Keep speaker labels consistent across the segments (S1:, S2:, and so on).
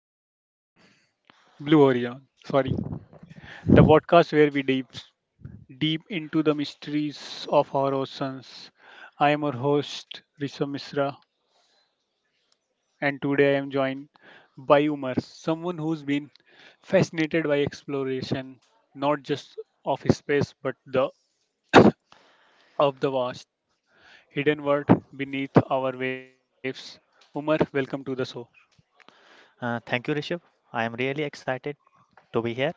S1: to Horizon, Blue Horizon, the podcast where we dive deep into the mysteries of our oceans. I am your host, Risha Misra, and today I am joined by Umar, someone who's been fascinated by exploration, not just of space but the of the vast hidden world beneath our waves. Umar, welcome to the show.
S2: Thank you, Rishabh. I am really excited to be here.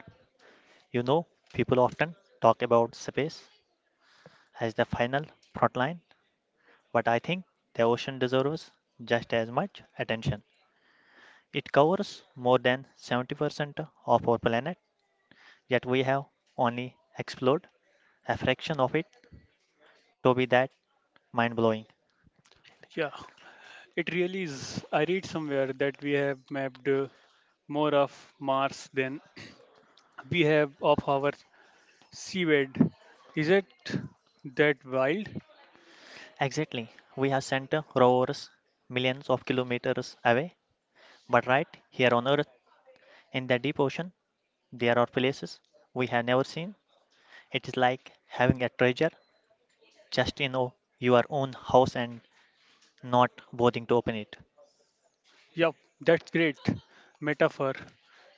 S2: You know, People often talk about space as the final front line, but I think the ocean deserves just as much attention. It covers more than 70% of our planet, yet we have only explored a fraction of it to be that mind blowing.
S1: Yeah, it really is. I read somewhere that we have mapped more of Mars than we have of our seabed. Is it that wild?
S2: Exactly, we have sent rovers millions of kilometers away, but right here on Earth, in the deep ocean, there are places we have never seen. It is like having a treasure just your own house and not bothering to open it.
S1: Yup, that's great metaphor.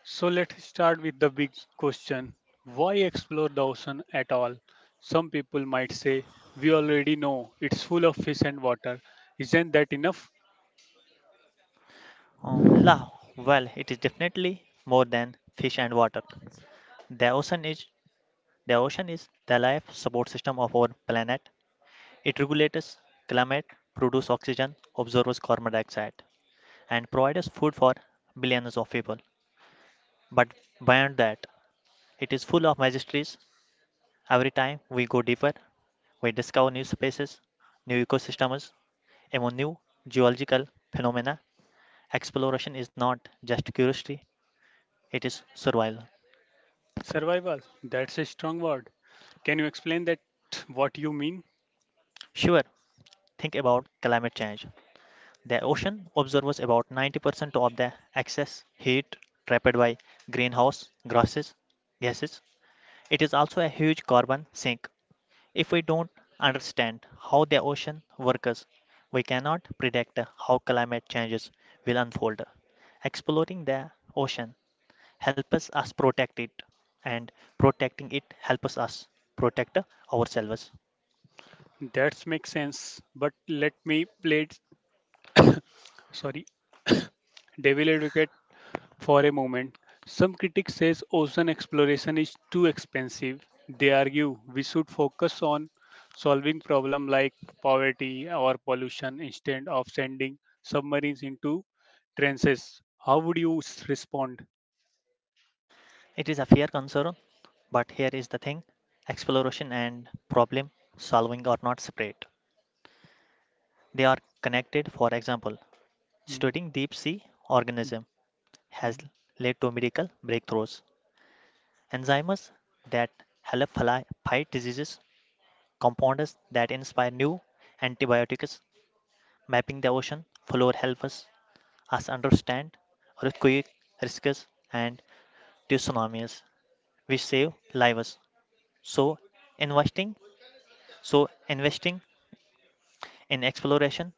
S1: So let's start with the big question. Why explore the ocean at all? Some people might say, we already know it's full of fish and water. Isn't that enough?
S2: Oh, la, well, it is definitely more than fish and water. The ocean is the ocean is the life support system of our planet. It regulates climate, produces oxygen, absorbs carbon dioxide, and provides food for billions of people. But beyond that, it is full of mysteries. Every time we go deeper, we discover new spaces, new ecosystems, and new geological phenomena. Exploration is not just curiosity, it is survival.
S1: Survival, that's a strong word. Can you explain that what you mean?
S2: Sure, think about climate change. The ocean absorbs about 90% of the excess heat trapped by greenhouse gases. It is also a huge carbon sink. If we don't understand how the ocean works, we cannot predict how climate changes will unfold. Exploring the ocean helps us protect it, and protecting it helps us protect ourselves.
S1: That makes sense. But let me play sorry, devil advocate for a moment. Some critics says ocean exploration is too expensive. They argue we should focus on solving problems like poverty or pollution instead of sending submarines into trenches. How would you respond?
S2: It is a fair concern, but here is the thing, exploration and problem solving are not separate, they are connected. For example,
S1: Mm,
S2: studying deep sea
S1: mm,
S2: organisms has
S1: mm.
S2: led to medical breakthroughs, enzymes that help fight diseases, compounds that inspire new antibiotics, mapping the ocean floor help us understand earthquake risks and tsunamis. We save lives. So investing, so investing in exploration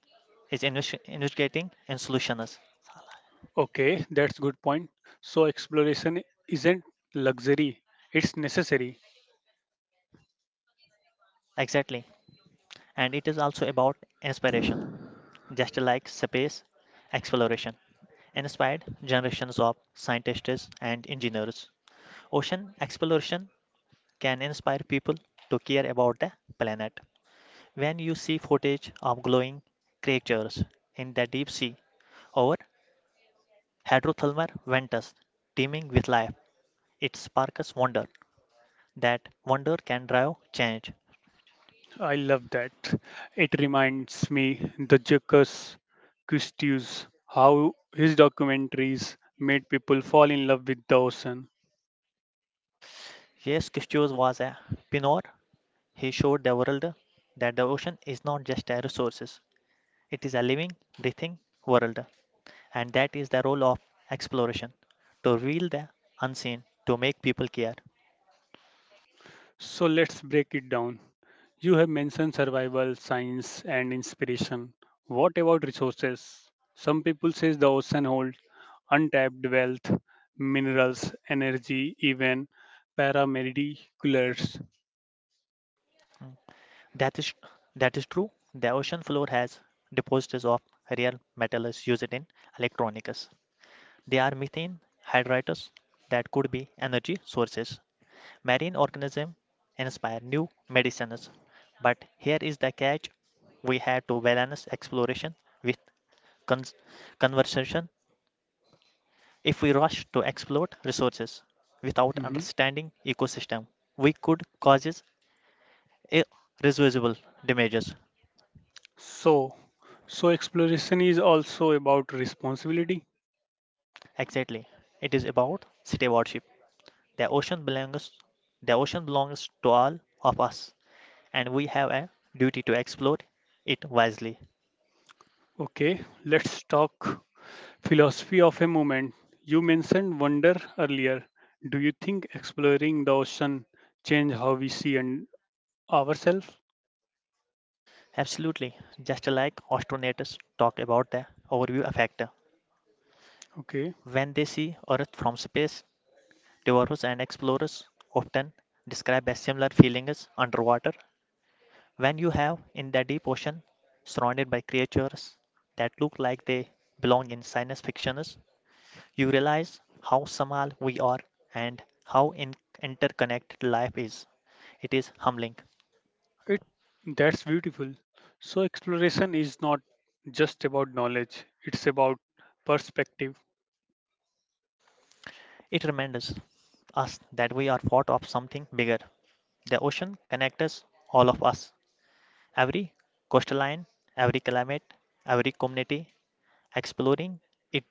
S2: is investigating in solutions.
S1: Okay, that's good point. So exploration isn't luxury; it's necessary.
S2: Exactly. And it is also about inspiration, just like space exploration inspired generations of scientists and engineers. Ocean exploration can inspire people to care about the planet. When you see footage of glowing creatures in the deep sea or hydrothermal vents teeming with life, it sparks wonder. That wonder can drive change.
S1: I love that. It reminds me the Jacques Cousteau's how his documentaries made people fall in love with the ocean.
S2: Yes, Christos was a pioneer. He showed the world that the ocean is not just a resource; it is a living, breathing world. And that is the role of exploration, to reveal the unseen, to make people care.
S1: So let's break it down. You have mentioned survival, science, and inspiration. What about resources? Some people say the ocean holds untapped wealth, minerals, energy, even paramediculars.
S2: That is that is true, the ocean floor has deposits of rare metals used in electronics. They are methane hydrates that could be energy sources. Marine organisms inspire new medicines. But here is the catch, we had to balance exploration with cons- conservation. If we rush to exploit resources without
S1: Mhm.
S2: understanding ecosystem, we could cause irreversible damages.
S1: So, so exploration is also about responsibility.
S2: Exactly. It is about stewardship. The ocean belongs the ocean belongs to all of us, and we have a duty to exploit it wisely.
S1: Okay, let's talk philosophy of a moment. You mentioned wonder earlier. Do you think exploring the ocean change how we see and ourselves?
S2: Absolutely. Just like astronauters talk about the overview factor.
S1: Okay,
S2: When they see Earth from space, divers and explorers often describe a similar feeling as underwater. When you have in the deep ocean surrounded by creatures that look like they belong in science fictions, you realize how small we are and how interconnected life is. It is humbling.
S1: it that's beautiful. So exploration is not just about knowledge; it's about perspective.
S2: It reminds us that we are part of something bigger. The ocean connects us, all of us. Every coastline, every climate, every community, exploring it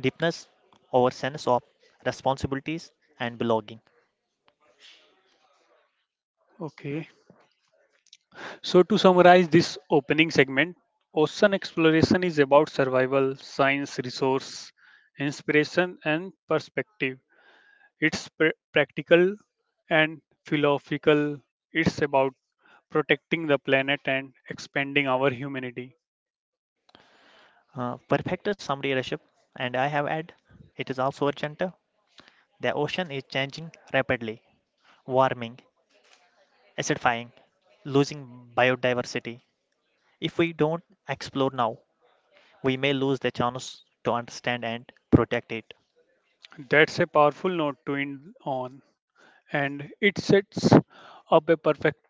S2: deepens our sense of responsibilities and belonging.
S1: Okay. So to summarize this opening segment, ocean exploration is about survival, science, resource, inspiration, and perspective. It's practical and philosophical. It's about protecting the planet and expanding our humanity.
S2: Perfect summary, Rishabh. And I have add, it is also urgent. The ocean is changing rapidly, warming, acidifying, losing biodiversity. If we don't explore now, we may lose the chance to understand and protect it.
S1: That's a powerful note to end on, and it sets up a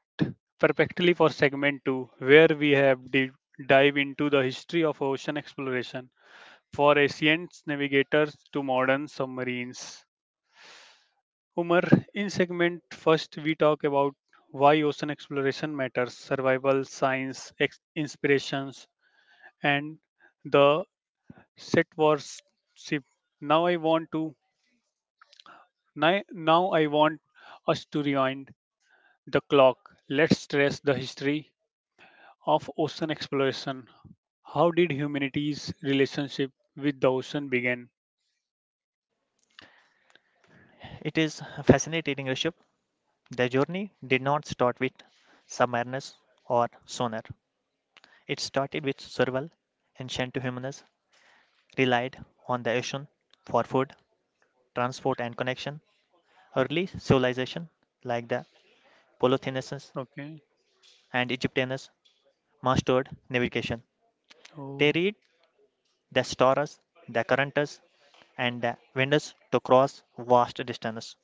S1: perfectly for segment 2 where we have dive into the history of ocean exploration for ancient navigators to modern submarines. Umar, in segment first, we talk about why ocean exploration matters, survival, science, inspirations, and the set wars ship. Now I want to ni- now I want us to rewind the clock. Let's stress the history of ocean exploration. How did humanity's relationship with the ocean begin?
S2: It is fascinating, Rishabh. The journey did not start with submariners or sonar. It started with survival. Ancient humans relied on the ocean for food, transport, and connection. Early civilizations like the Polynesians
S1: Okay.
S2: and Egyptians mastered navigation.
S1: Oh.
S2: They read the stars, the currents, and the winds to cross vast distances.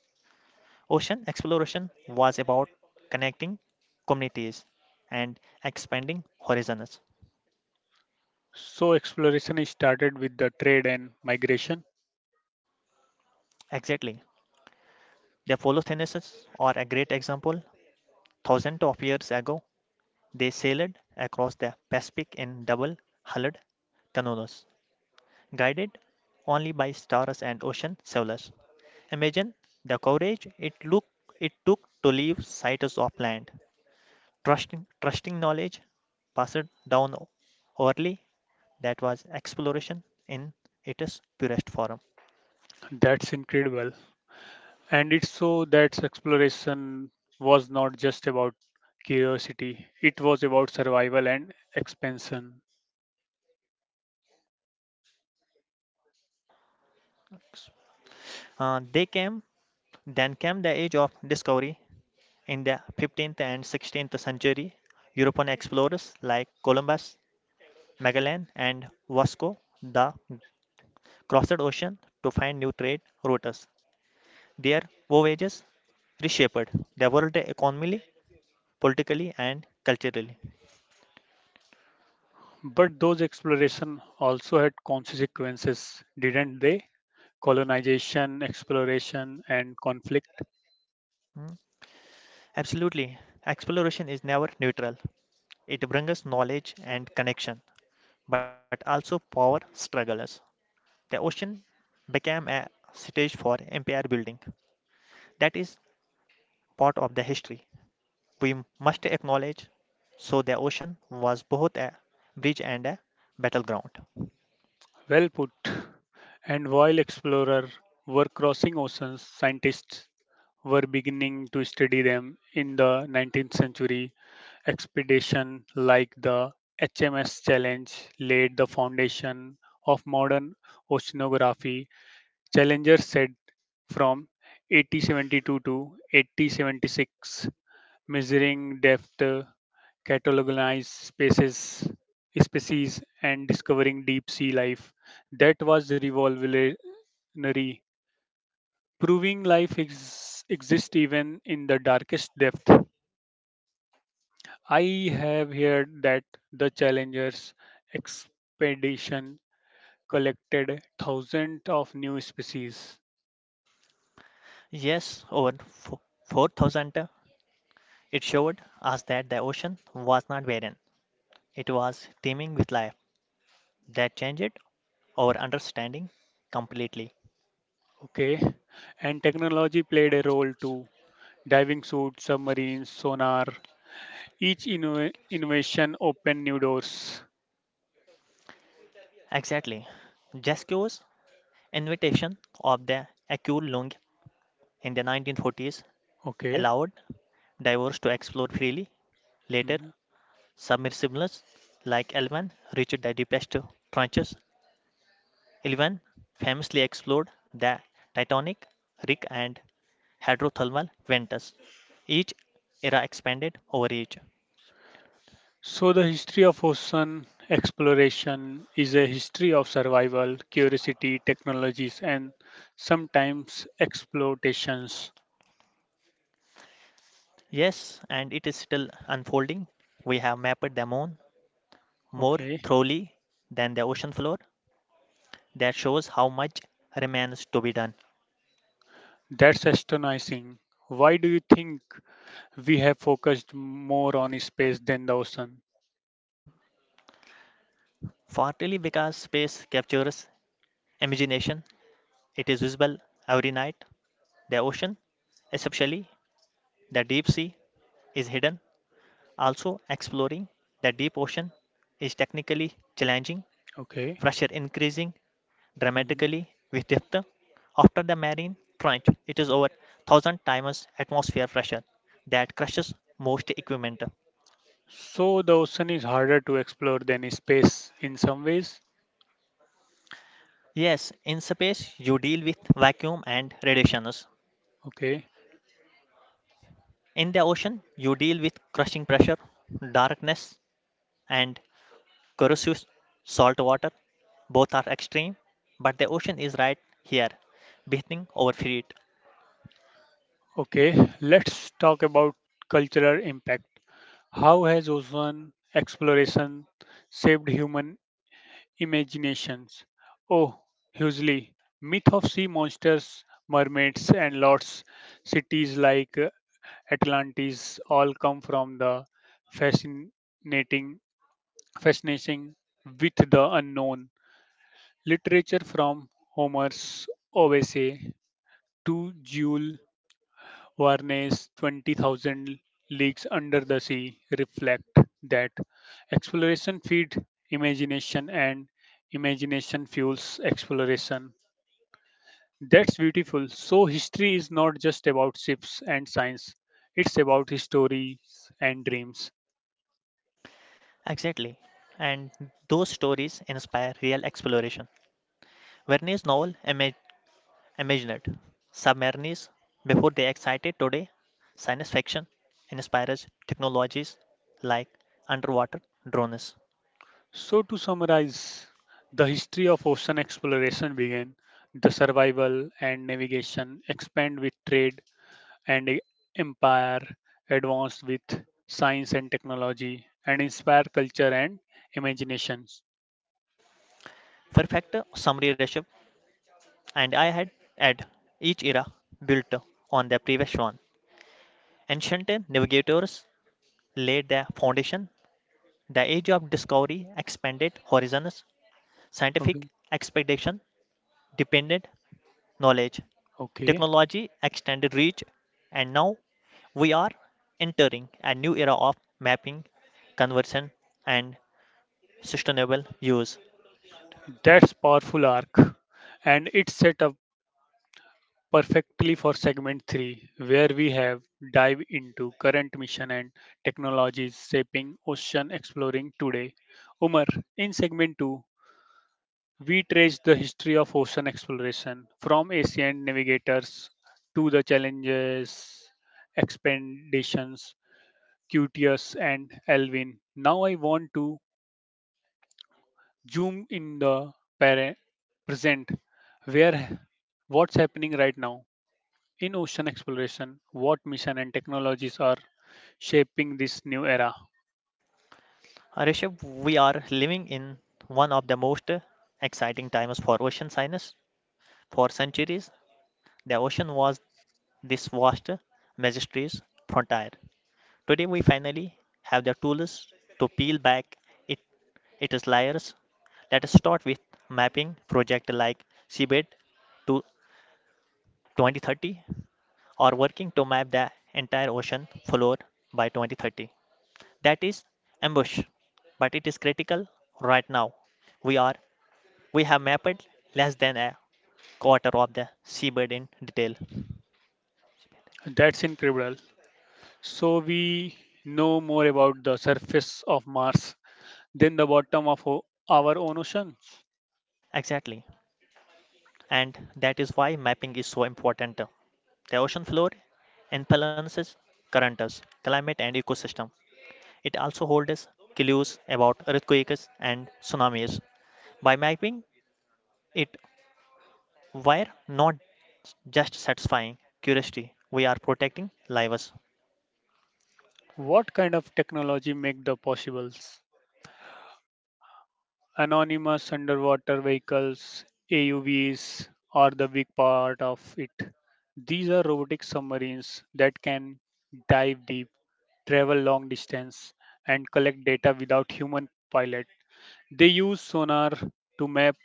S2: Ocean exploration was about connecting communities and expanding horizons.
S1: So exploration is started with the trade and migration.
S2: Exactly. The Polynesians are a great example. Thousands of years ago, they sailed across the Pacific in double hulled canoes, guided only by stars and ocean sailors. Imagine the courage it took to leave sites of land, trusting knowledge passed down orally. That was exploration in its purest form.
S1: That's incredible. And it so that exploration was not just about curiosity, it was about survival and expansion.
S2: Uh, they came, then came the age of discovery. In the 15th and 16th century, European explorers like Columbus, Magellan, and Vasco da crossed ocean to find new trade routes. Their voyages reshaped the world economically, politically, and culturally.
S1: But those exploration also had consequences, didn't they? Colonization, exploration, and conflict.
S2: Mm, absolutely. Exploration is never neutral. It brings us knowledge and connection, but also power struggles. The ocean became a stage for empire building. That is part of the history we must acknowledge. So the ocean was both a bridge and a battleground.
S1: Well put. And while explorers were crossing oceans, scientists were beginning to study them in the 19th century. Expedition like the HMS Challenge laid the foundation of modern oceanography. Challenger said from 1872 to 1876 measuring depth, cataloging spaces, species, and discovering deep sea life. That was revolutionary, proving life exists even in the darkest depth. I have heard that the Challenger's expedition collected thousands of new species.
S2: Yes, over 4,000. It showed us that the ocean was not barren. It was teeming with life. That changed our understanding completely.
S1: Okay, and technology played a role too. Diving suits, submarines, sonar, each innovation opened new doors.
S2: Exactly. Jesco's invitation of the Akul Lung in the 1940s
S1: Okay.
S2: allowed divers to explore freely. Later,
S1: Mhm.
S2: submersibles like Elvan reached the deepest trenches. Eleven famously explored the Titanic, Rig, and hydrothermal vents. Each era expanded over each.
S1: So, the history of ocean exploration is a history of survival, curiosity, technologies, and sometimes exploitations.
S2: Yes, and it is still unfolding. We have mapped the moon more
S1: Okay.
S2: thoroughly than the ocean floor. That shows how much remains to be done.
S1: That's astonishing. Why do you think we have focused more on space than the ocean?
S2: Partly because space captures imagination, it is visible every night. The ocean, especially the deep sea, is hidden. Also, exploring the deep ocean is technically challenging,
S1: Okay.
S2: pressure increasing
S1: Mhm.
S2: dramatically with depth. After the marine trench, it is over 1,000 times atmosphere pressure that crushes most equipment.
S1: So, the ocean is harder to explore than space in some ways.
S2: Yes, in space you deal with vacuum and radiations.
S1: Okay.
S2: In the ocean, you deal with crushing pressure, darkness, and corrosive salt water. Both are extreme, but the ocean is right here, breathing over feet.
S1: Okay, let's talk about cultural impact. How has ocean exploration shaped human imaginations? Oh, hugely. Myth of sea monsters, mermaids, and lots. Cities like Atlantis all come from the fascinating fascination with the unknown. Literature from Homer's Odyssey to Jules Varney's 20,000 Leagues Under the Sea reflect that exploration feeds imagination and imagination fuels exploration. That's beautiful. So, history is not just about ships and science, it's about stories and dreams.
S2: Exactly. And those stories inspire real exploration. Verne's novel imagined submarines before they excited today. Science fiction inspires technologies like underwater drones.
S1: So, to summarize, the history of ocean exploration began, the survival and navigation expand with trade, and empire advanced with science and technology and inspire culture and imaginations.
S2: Perfect summary, Rishabh. And I had add, each era built on the previous one. Ancient navigators laid the foundation. The age of discovery expanded horizons. Scientific
S1: Okay.
S2: expectation depended knowledge.
S1: Okay.
S2: Technology extended reach, and now we are entering a new era of mapping, conversion, and sustainable use.
S1: That's powerful arc. And it's set up perfectly for segment 3 where we have dive into current mission and technologies shaping ocean exploring today. Umar, in segment 2, we trace the history of ocean exploration from ancient navigators to the challenges, expeditions, Cutius and Alvin. Now I want to zoom in the pare- present, where what's happening right now in ocean exploration, what mission and technologies are shaping this new era.
S2: Rishabh, we are living in one of the most exciting times for ocean science. For centuries, the ocean was this vast, majestuous frontier. Today, we finally have the tools to peel back it, its layers. Let us start with mapping projects like seabed to 2030, or working to map the entire ocean floor by 2030. That is ambush, but it is critical right now. We are we have mapped less than a quarter of the seabed in detail.
S1: That's incredible. So we know more about the surface of Mars than the bottom of our own ocean.
S2: Exactly, and that is why mapping is so important. The ocean floor influences currents, climate, and ecosystem. It also holds clues about earthquakes and tsunamis. By mapping it, we're not just satisfying curiosity, we are protecting lives.
S1: What kind of technology make the possibles? Anonymous underwater vehicles, AUVs are the big part of it. These are robotic submarines that can dive deep, travel long distance, and collect data without human pilot. They use sonar to map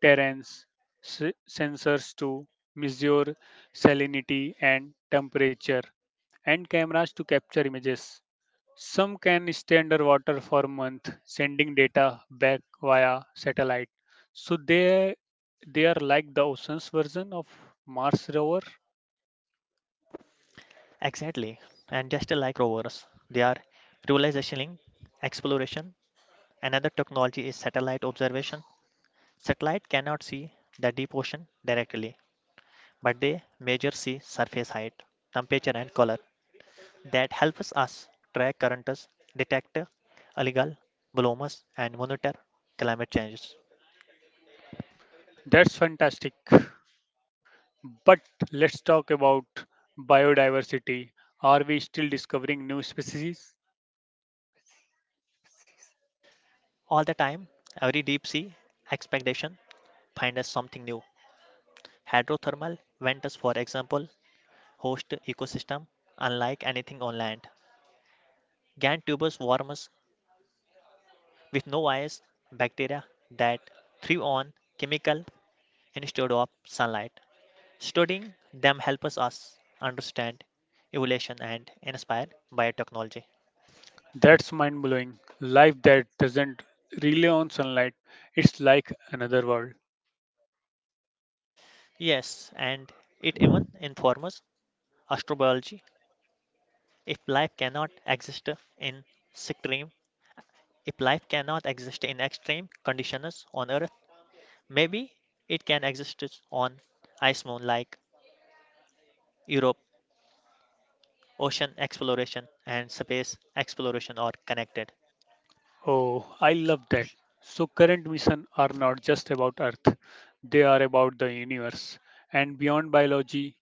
S1: terrains, sensors to measure salinity and temperature, and cameras to capture images. Some can stay underwater for months, sending data back via satellite. So they are like the ocean's version of Mars rover.
S2: Exactly. And just like rovers, they are realizationing exploration. Another technology is satellite observation. Satellite cannot see the deep ocean directly, but they measure sea surface height, temperature and color. That helps us track currents, detect illegal blooms and monitor climate changes.
S1: That's fantastic. But let's talk about biodiversity. Are we still discovering new species?
S2: All the time, every deep sea expedition finds us something new. Hydrothermal vents, for example, host ecosystem unlike anything on land. Gan tubers worms with no eyes, bacteria that thrive on chemical instead of sunlight. Studying them helps us understand evolution and inspire biotechnology.
S1: That's mind blowing. Life that doesn't rely on sunlight, it's like another world.
S2: Yes, and it even informs astrobiology. If life cannot exist in extreme, if life cannot exist in extreme conditions on Earth, maybe it can exist is on ice moon like Europe. Ocean exploration and space exploration are connected.
S1: Oh, I love that. So, current missions are not just about Earth, they are about the universe. And beyond biology,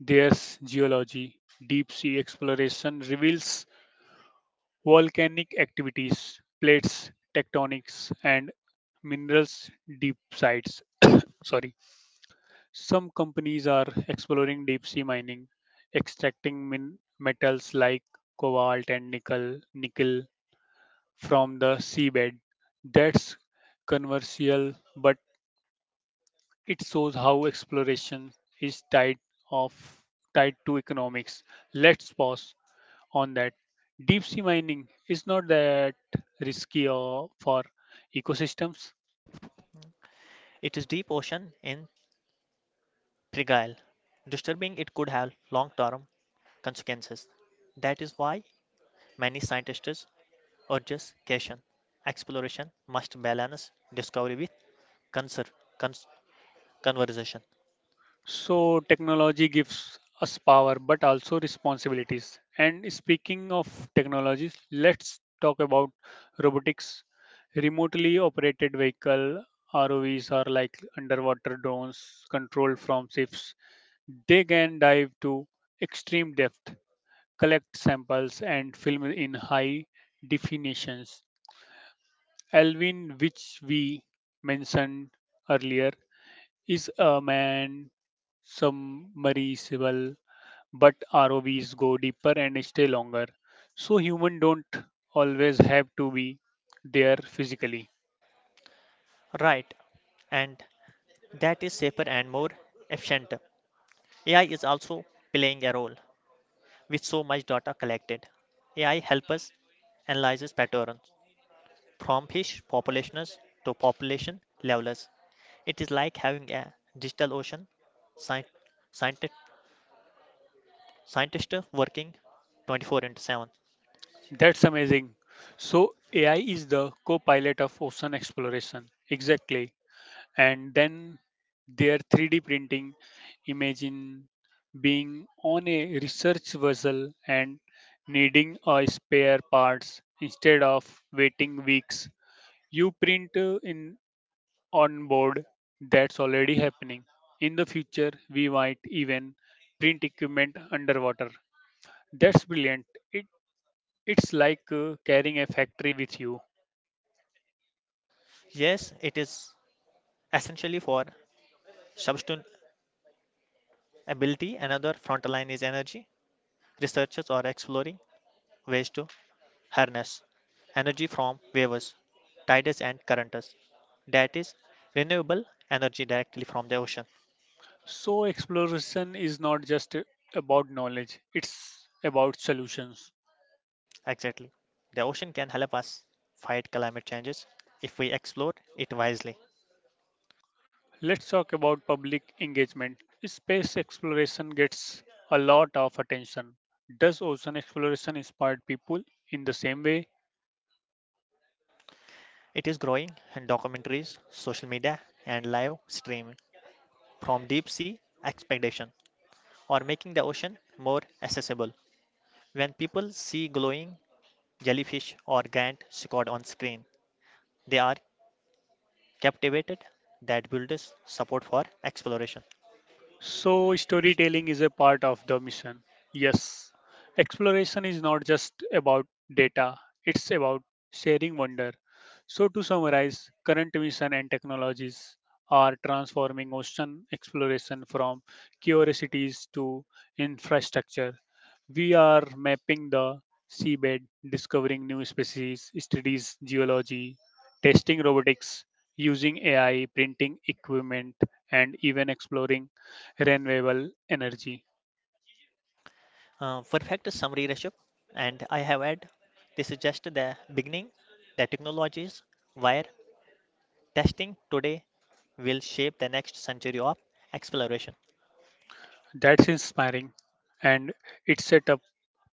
S1: there's geology. Deep sea exploration reveals volcanic activities, plates, tectonics, and minerals deep sites. Sorry. Some companies are exploring deep sea mining, extracting metals like cobalt and nickel from the seabed. That's controversial, but it shows how exploration is of tied to economics. Let's pause on that. Deep sea mining is not that risky or for ecosystems.
S2: It is deep ocean in Trigal. Disturbing it could have long term consequences. That is why many scientists urge caution. Exploration must balance discovery with conser- cons- conversation.
S1: So, technology gives us power but also responsibilities. And speaking of technologies, let's talk about robotics. Remotely operated vehicle ROVs are like underwater drones controlled from ships. They can dive to extreme depth, collect samples, and film in high definitions. Alvin, which we mentioned earlier, is a man submersible but ROVs go deeper and stay longer. So humans don't always have to be there physically.
S2: Right, and that is safer and more efficient. AI is also playing a role. With so much data collected, AI helps us analyze patterns from fish populations to population levels. It is like having a digital ocean scient- scientist, scientist working 24/7.
S1: That's amazing. So AI is the co-pilot of ocean exploration. Exactly. And then their 3D printing, imagine being on a research vessel and needing a spare parts instead of waiting weeks. You print in on board that's already happening. In the future, we might even print equipment underwater. That's brilliant. It, it's like carrying a factory with you.
S2: Yes, it is essentially for sustainability. Another frontline is energy. Researchers are exploring ways to harness energy from waves, tides, and currents. That is renewable energy directly from the ocean.
S1: So, exploration is not just about knowledge, it's about solutions.
S2: Exactly. The ocean can help us fight climate changes if we explore it wisely.
S1: Let's talk about public engagement. Space exploration gets a lot of attention. Does ocean exploration inspire people in the same way?
S2: It is growing in documentaries, social media, and live streaming from deep sea expedition or making the ocean more accessible. When people see glowing jellyfish or giant squid on screen, they are captivated. That builds support for exploration.
S1: So, storytelling is a part of the mission. Yes, exploration is not just about data, it's about sharing wonder. So, to summarize, current mission and technologies are transforming ocean exploration from curiosities to infrastructure. We are mapping the seabed, discovering new species, studies geology, testing robotics, using AI, printing equipment, and even exploring renewable energy.
S2: Perfect summary, Rishabh. And I have had this is just the beginning. The technologies where testing today will shape the next century of exploration.
S1: That's inspiring. And it's set up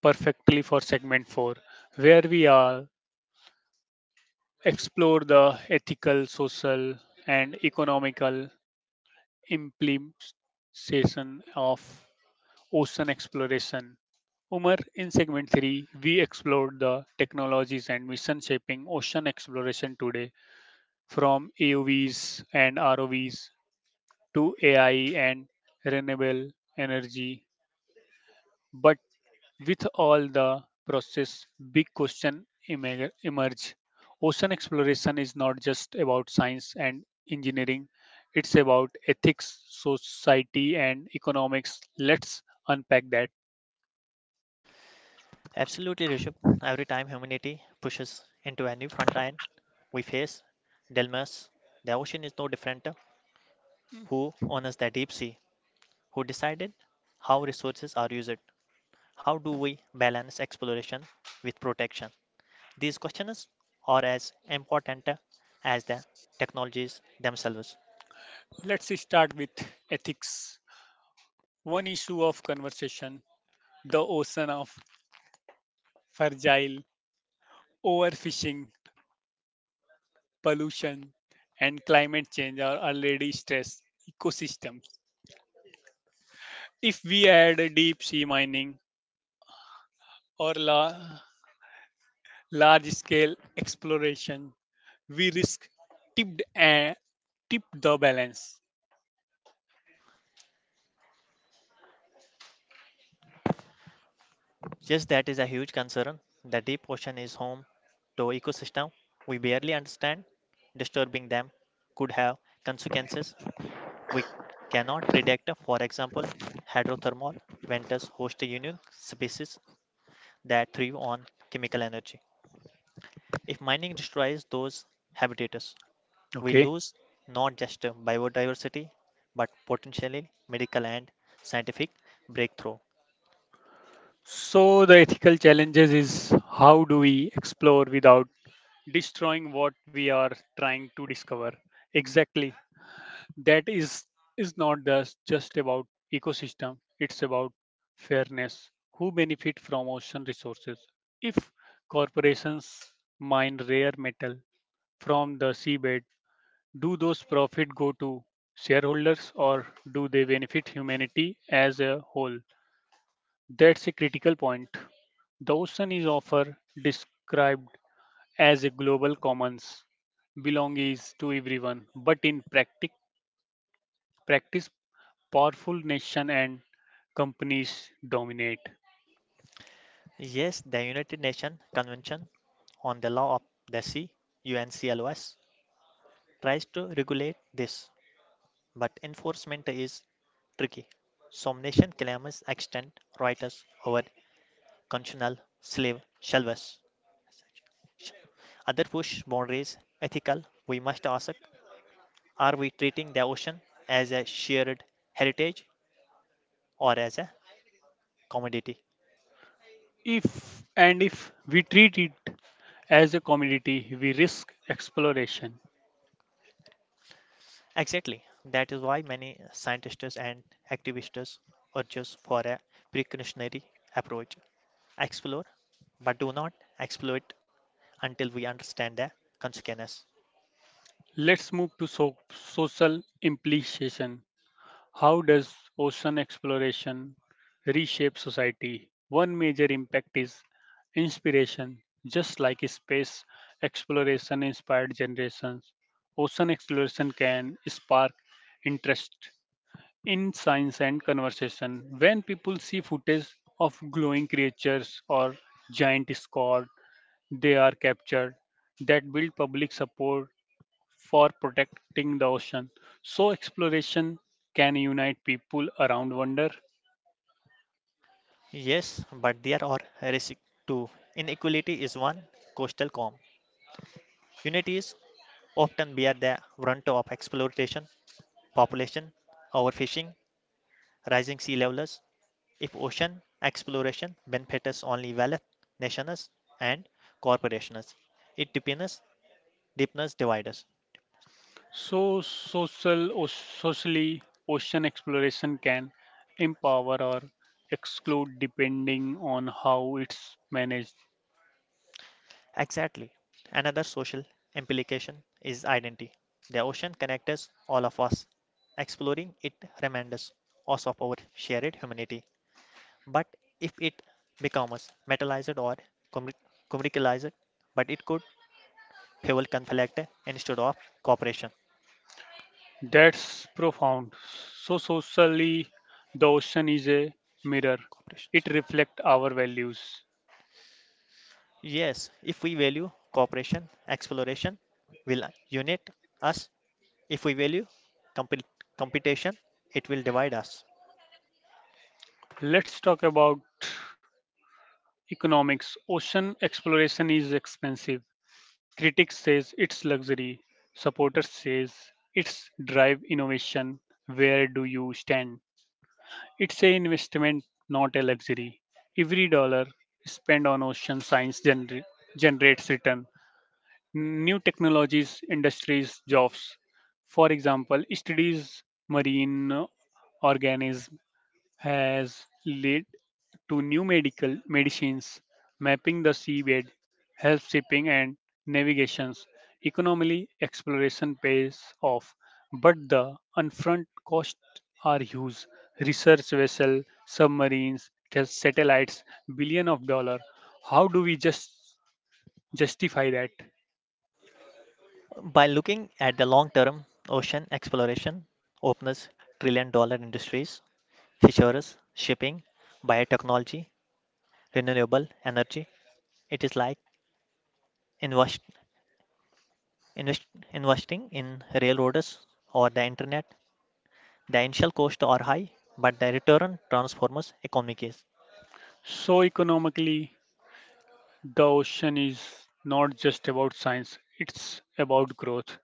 S1: perfectly for segment 4, where we are explore the ethical, social, and economical implication of ocean exploration. Umar, in segment 3, we explored the technologies and mission shaping ocean exploration today, from AUVs and ROVs to AI and renewable energy. But with all the process, big question emerge. Ocean exploration is not just about science and engineering; it's about ethics, society, and economics. Let's unpack that.
S2: Absolutely, Rishabh. Every time humanity pushes into a new frontier we face, dilemmas. The ocean is no different. Who owns the deep sea? Who decided how resources are used? How do we balance exploration with protection? These questions are as important as the technologies themselves.
S1: Let's start with ethics. One issue of conversation: the ocean of fragile, overfishing, pollution, and climate change are already stressed ecosystems. If we add deep sea mining or large scale exploration, we risk tipped and tip the balance.
S2: Yes, that is a huge concern. The deep ocean is home to ecosystem we barely understand. Disturbing them could have consequences we cannot predict. For example, hydrothermal vents host unique species that thrive on chemical energy. If mining destroys those habitats, we
S1: Okay.
S2: lose not just biodiversity but potentially medical and scientific breakthrough.
S1: So the ethical challenges is how do we explore without destroying what we are trying to discover? Exactly. That is not just about ecosystem. It's about fairness. Who benefit from ocean resources? If corporations mine rare metal from the seabed, do those profits go to shareholders or do they benefit humanity as a whole? That's a critical point. The ocean is often described as a global commons, belongs to everyone, but in practice, powerful nation and companies dominate.
S2: Yes, the United Nations Convention on the law of the sea, UNCLOS, tries to regulate this, but enforcement is tricky. Some nation claims extend rights over constitutional slave shelves. Other push boundaries ethical. We must ask, are we treating the ocean as a shared heritage or as a commodity?
S1: If we treat it as a commodity, we risk exploration.
S2: Exactly. That is why many scientists and activists urge us for a precautionary approach. Explore, but do not exploit until we understand the consequences.
S1: Let's move to social implication. How does ocean exploration reshape society? One major impact is inspiration. Just like space exploration inspired generations, ocean exploration can spark interest in science and conversation. When people see footage of glowing creatures or giant squid, they are captured. That build public support for protecting the ocean. So exploration can unite people around wonder.
S2: Yes, but there are risks too. Inequality is one coastal calm. Unities often bear the brunt of exploitation, population, overfishing, rising sea levels. If ocean exploration benefits only wealth nations and corporations, it deepens divides.
S1: So social or socially ocean exploration can empower or exclude depending on how it's managed.
S2: Exactly. Another social implication is identity. The ocean connects all of us. Exploring it reminds us also of our shared humanity. But if it becomes metallized or commer- commercialized, but it could fuel conflict instead of cooperation.
S1: That's profound. So socially the ocean is a mirror. It
S2: Corporations.
S1: reflects our values.
S2: Yes, if we value cooperation, exploration will unite us. If we value compet competition, it will divide us.
S1: Let's talk about economics, ocean exploration is expensive. Critics says it's luxury. Supporters says it's drive innovation. Where do you stand? It's an investment, not a luxury. Every dollar spent on ocean science generates return. New technologies, industries, jobs. For example, studies marine organisms has led to new medical medicines, mapping the seabed, help shipping and navigations. Economically, exploration pays off, but the upfront costs are huge. Research vessel, submarines, satellites, billion of dollar. How do we justify that?
S2: By looking at the long term, ocean exploration opens trillion-dollar industries, fisheries, shipping, biotechnology, renewable energy. It is like invest, invest, investing in railroads or the internet. The initial costs are high, but the return transforms economies.
S1: So economically, the ocean is not just about science; it's about growth.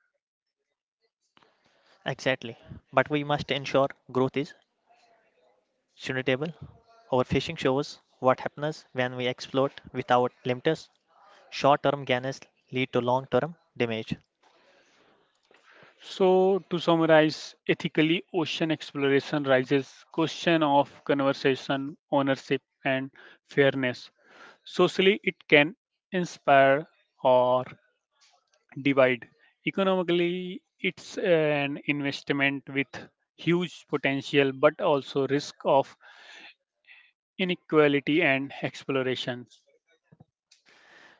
S2: Exactly. But we must ensure growth is sustainable. Our fishing shows what happens when we exploit without limits. Short term gains lead to long term damage.
S1: So, to summarize, ethically ocean exploration raises question of conservation, ownership, and fairness. Socially, it can inspire or divide. Economically, it's an investment with huge potential but also risk of inequality and exploration.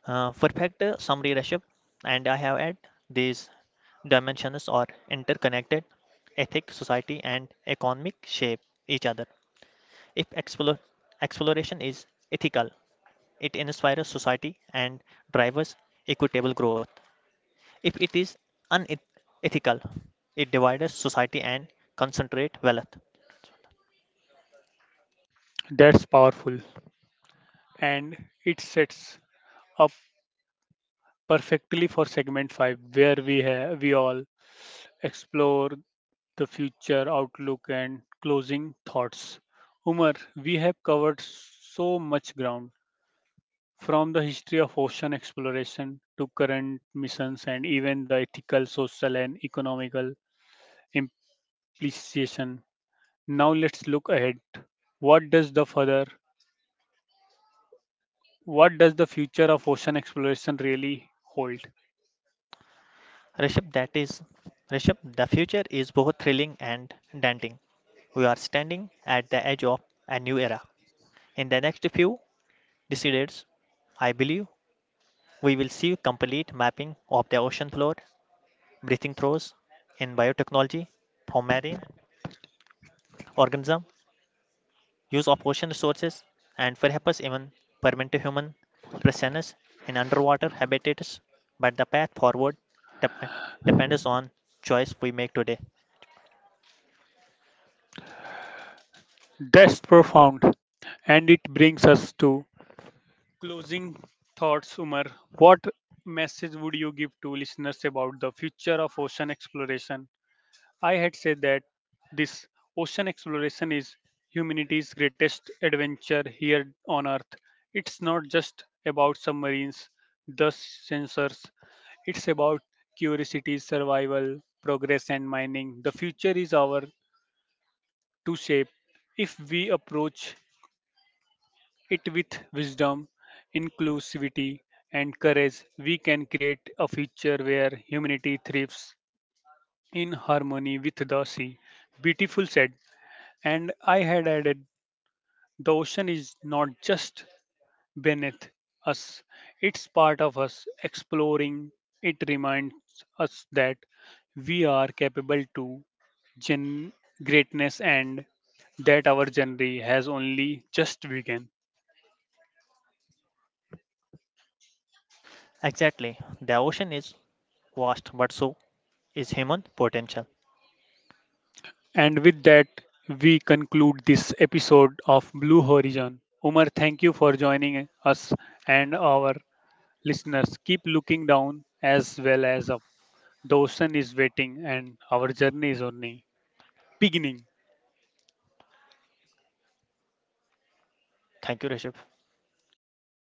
S2: Perfect summary, Rishabh, and I have added these dimensions are interconnected, ethic, society, and economic shape each other. If exploration is ethical, it inspires society and drives equitable growth. If it is unethical, it divides society and concentrates wealth.
S1: That's powerful. And it sets up perfectly for segment 5 where we all explore the future outlook, and closing thoughts. Umar, we have covered so much ground from the history of ocean exploration to current missions and even the ethical, social, and economical implication. Now let's look ahead. What does the further what does the future of ocean exploration really hold?
S2: Rishabh, that is, Rishabh, the future is both thrilling and daunting. We are standing at the edge of a new era. In the next few decades, I believe we will see complete mapping of the ocean floor, breathing throes in biotechnology, for marine organism, use of ocean resources, and perhaps even permanent human presence in underwater habitats. But the path forward dep- depends on choice we make today.
S1: That's profound, and it brings us to closing thoughts, Umar. What message would you give to listeners about the future of ocean exploration? I had said that this ocean exploration is humanity's greatest adventure here on Earth. It's not just about submarines, the sensors, it's about curiosity, survival, progress, and mining. The future is our to shape if we approach it with wisdom, inclusivity, and courage, we can create a future where humanity thrives in harmony with the sea. Beautiful said. And I had added the ocean is not just beneath us, it's part of us. Exploring it reminds us that we are capable to gen- greatness and that our journey has only just begun.
S2: Exactly. The ocean is vast, but so is human potential.
S1: And with that, we conclude this episode of Blue Horizon. Umar, thank you for joining us and our listeners. Keep looking down as well as up. The ocean is waiting and our journey is only beginning.
S2: Thank you, Rishabh.